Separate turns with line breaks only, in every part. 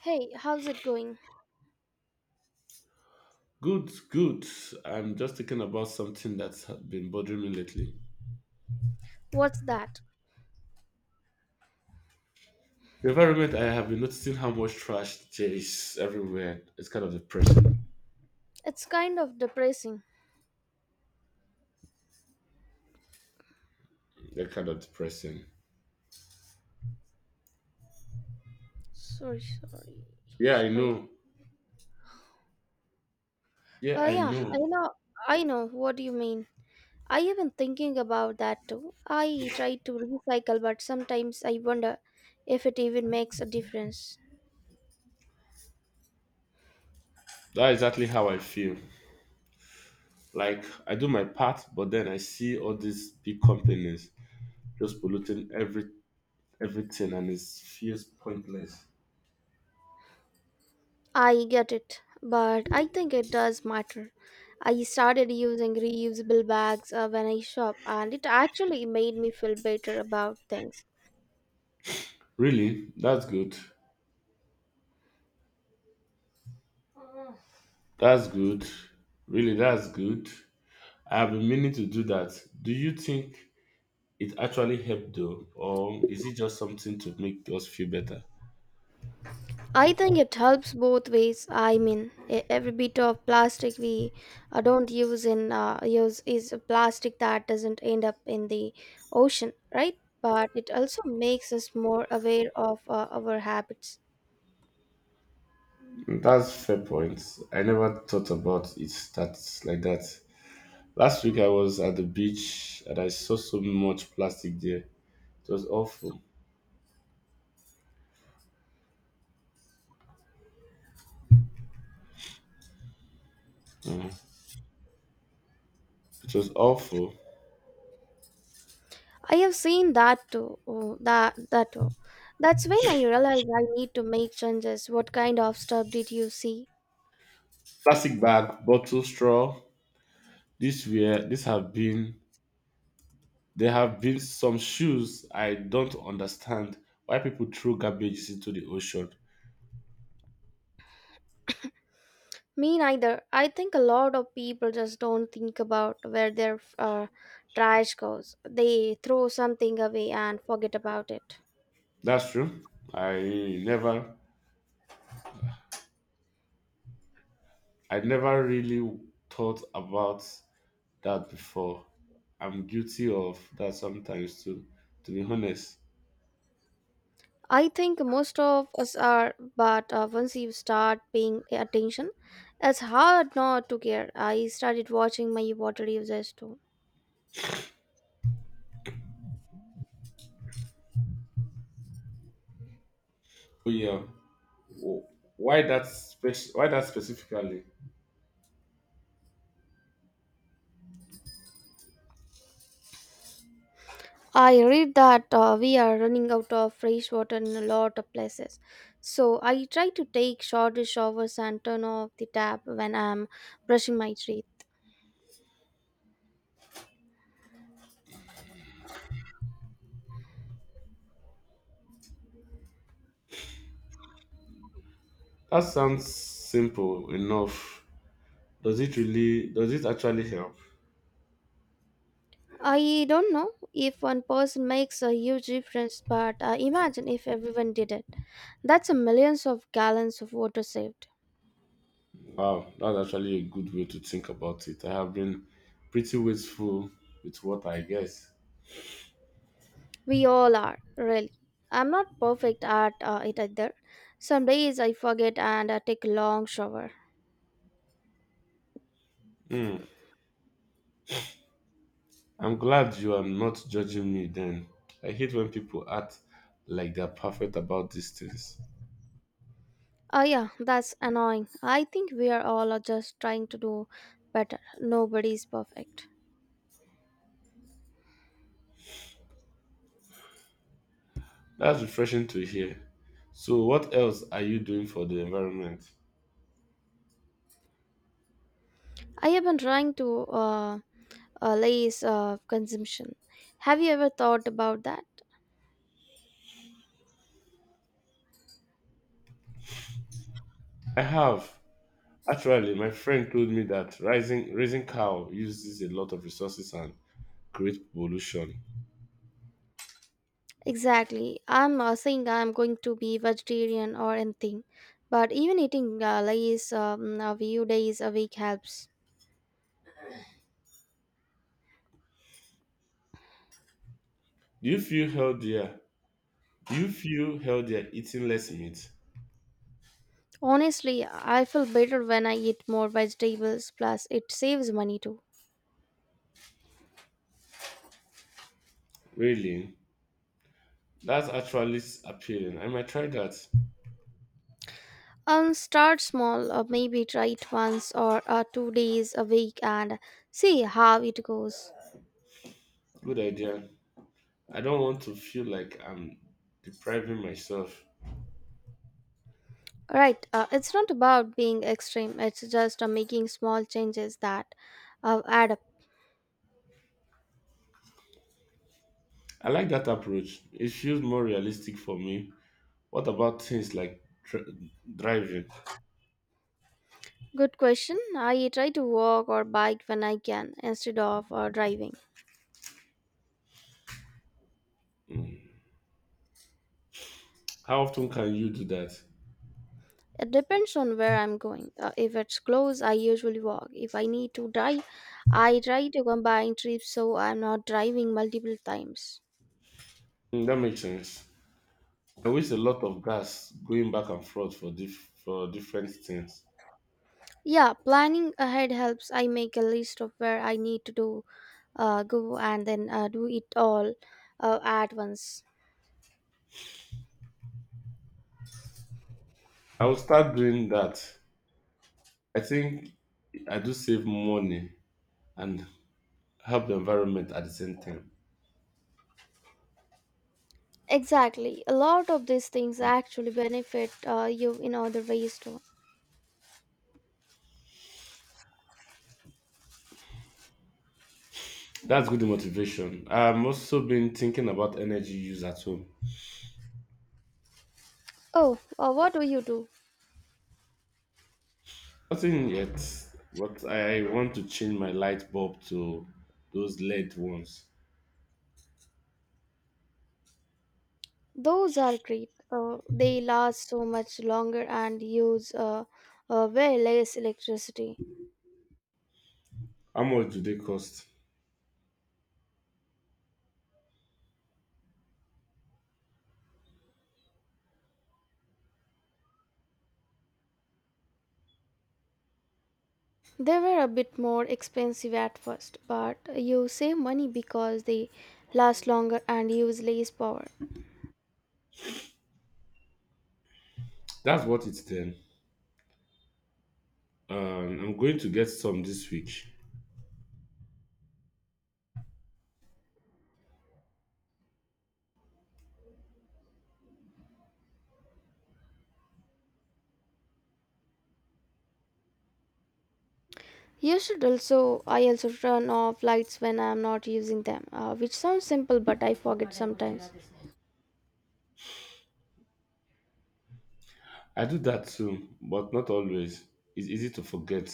Hey, how's it going?
Good, good. I'm just thinking about something that's been bothering me lately.
What's that?
The environment, I have been noticing how much trash there is everywhere. It's kind of depressing.
It's kind of depressing.
They kind of depressing.
Sorry, sorry,
Yeah, I
sorry.
know. Yeah,
Uh,
I
yeah,
know.
I know what you mean. I have been thinking about that too. I try to recycle, but sometimes I wonder if it even makes a difference.
That's exactly how I feel. Like, I do my part, but then I see all these big companies just polluting everything and it feels pointless.
I get it, but I think it does matter. I started using reusable bags when I shop, and it actually made me feel better about things.
Really? That's good. That's good. Really, that's good. I have been meaning to do that. Do you think it actually helped, though, or is it just something to make us feel better?
I think it helps both ways. I mean, every bit of plastic we don't use in use is a plastic that doesn't end up in the ocean, right? But it also makes us more aware of our habits.
That's fair point. I never thought about it that like that. Last week I was at the beach and I saw so much plastic there. It was awful. Mm, it was awful.
I have seen that too. That's when I realized I need to make changes. What kind of stuff did you see?
Plastic bag, bottle, straw. This were this have been there have been some shoes. I don't understand why people throw garbages into the ocean.
Me neither. I think a lot of people just don't think about where their trash goes. They throw something away and forget about it.
That's true. i never I never really thought about that before. I'm guilty of that sometimes too, to be honest.
I think most of us are, but once you start paying attention, it's hard not to care. I started watching my water usage too.
Oh yeah. Wh- why that specifically?
I read that we are running out of fresh water in a lot of places. So I try to take shorter showers and turn off the tap when I'm brushing my teeth.
That sounds simple enough. Does it actually help?
I don't know if one person makes a huge difference, but imagine if everyone did it. That's a millions of gallons of water saved.
Wow, that's actually a good way to think about it. I have been pretty wasteful with what I guess.
We all are, really. I'm not perfect at it either. Some days I forget and I take a long shower.
Hmm. I'm glad you are not judging me then. I hate when people act like they're perfect about these things.
Oh, yeah, that's annoying. I think we are all are just trying to do better. Nobody's perfect.
That's refreshing to hear. So, what else are you doing for the environment?
I have been trying to lace consumption. Have you ever thought about that?
I have. Actually, my friend told me that raising cow uses a lot of resources and creates pollution.
Exactly. I'm saying I'm going to be vegetarian or anything, but even eating lays a few days a week helps.
Do you feel healthier? Do you feel healthier eating less meat?
Honestly, I feel better when I eat more vegetables, plus, it saves money too.
Really? That's actually appealing. I might try that.
Start small, maybe try it once or 2 days a week and see how it goes.
Good idea. I don't want to feel like I'm depriving myself.
Right, it's not about being extreme, it's just making small changes that add up.
I like that approach. It feels more realistic for me. What about things like driving?
Good question. I try to walk or bike when I can instead of driving.
How often can you do that?
It depends on where I'm going. If it's close, I usually walk. If I need to drive, I try to combine trips so I'm not driving multiple times.
Mm, that makes sense. I waste a lot of gas going back and forth for dif for different things.
Yeah, planning ahead helps. I make a list of where I need to do go and then do it all at once.
I will start doing that. I think I do save money and help the environment at the same time.
Exactly. A lot of these things actually benefit you in other ways too.
That's good motivation. I'm also been thinking about energy use at home.
Oh, what do you do?
Nothing yet, but I want to change my light bulb to those LED ones.
Those are great. They last so much longer and use way less electricity.
How much do they cost?
They were a bit more expensive at first, but you save money because they last longer and use less power.
That's what it's then. I'm going to get some this week.
I also turn off lights when I'm not using them, which sounds simple, but I forget sometimes.
I do that too, but not always. It's easy to forget.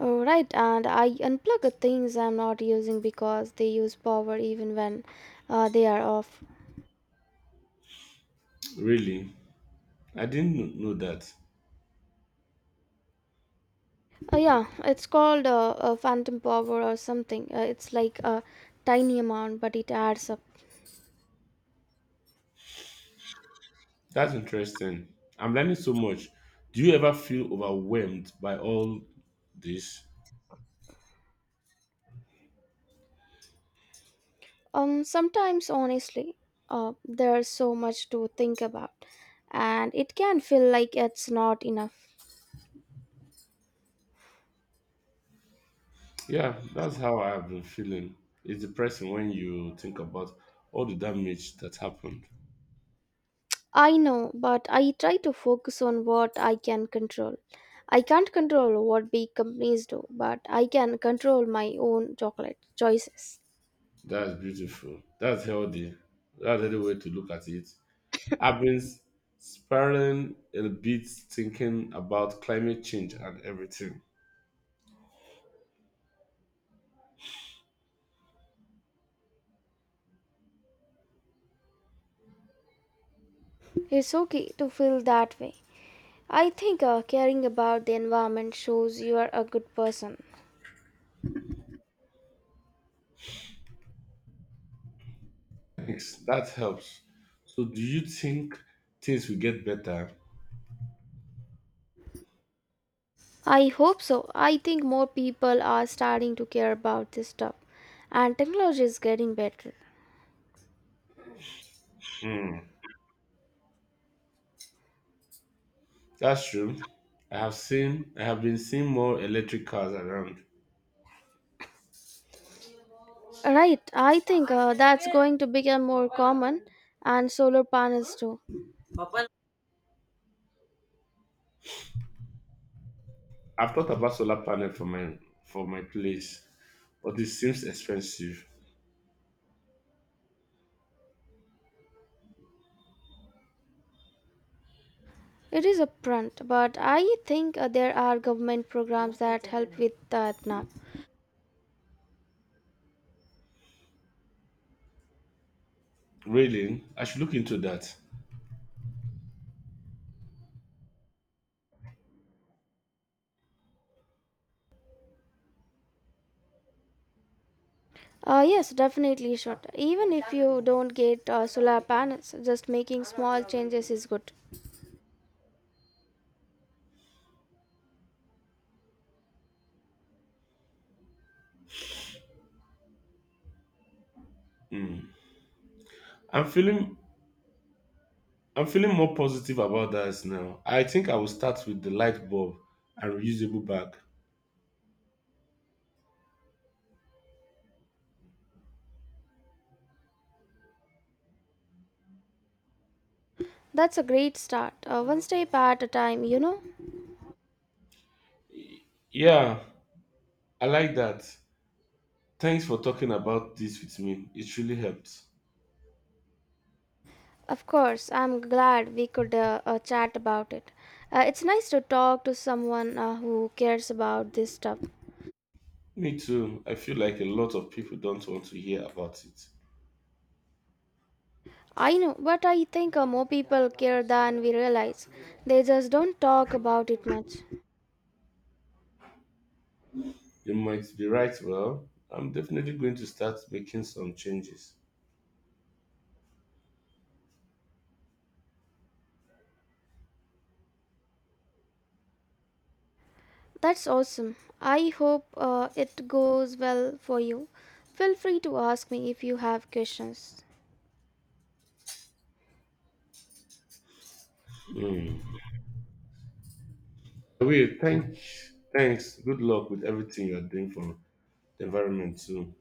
Oh, right, and I unplug the things I'm not using because they use power even when they are off.
Really, I didn't know that.
Yeah, it's called phantom power or something. It's like a tiny amount, but it adds up.
That's interesting. I'm learning so much. Do you ever feel overwhelmed by all this?
Sometimes, honestly, there's so much to think about, and it can feel like it's not enough.
Yeah, that's how I've been feeling. It's depressing when you think about all the damage that happened.
I know, but I try to focus on what I can control. I can't control what big companies do, but I can control my own chocolate choices.
That's beautiful. That's healthy. That's healthy way to look at it. I've been spiraling a bit thinking about climate change and everything.
It's okay to feel that way. I think caring about the environment shows you are a good person.
Thanks. That helps. So, do you think things will get better?
I hope so. I think more people are starting to care about this stuff, and technology is getting better.
Mm, that's true. I have seen. I have been seeing more electric cars around.
Right, I think that's going to become more common, and solar panels too.
I've thought about solar panel for my place, but it seems expensive.
It is upfront, but I think there are government programs that help with that now.
Really, I should look into that.
Yes, definitely short. Even if you don't get solar panels, just making small changes is good.
Mm. I'm feeling I'm feeling more positive about that now. I think I will start with the light bulb and reusable bag.
That's a great start, one step at a time, you know.
Yeah, I like that. Thanks for talking about this with me. It really helped.
Of course, I'm glad we could chat about it. It's nice to talk to someone who cares about this stuff.
Me too. I feel like a lot of people don't want to hear about it.
I know, but I think more people care than we realize. They just don't talk about it much.
You might be right, well, I'm definitely going to start making some changes.
That's awesome. I hope it goes well for you. Feel free to ask me if you have questions.
Mm. Will, thanks. Thanks. Good luck with everything you are doing for the environment too.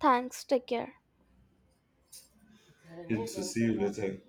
Thanks, take care.
Good to see you later.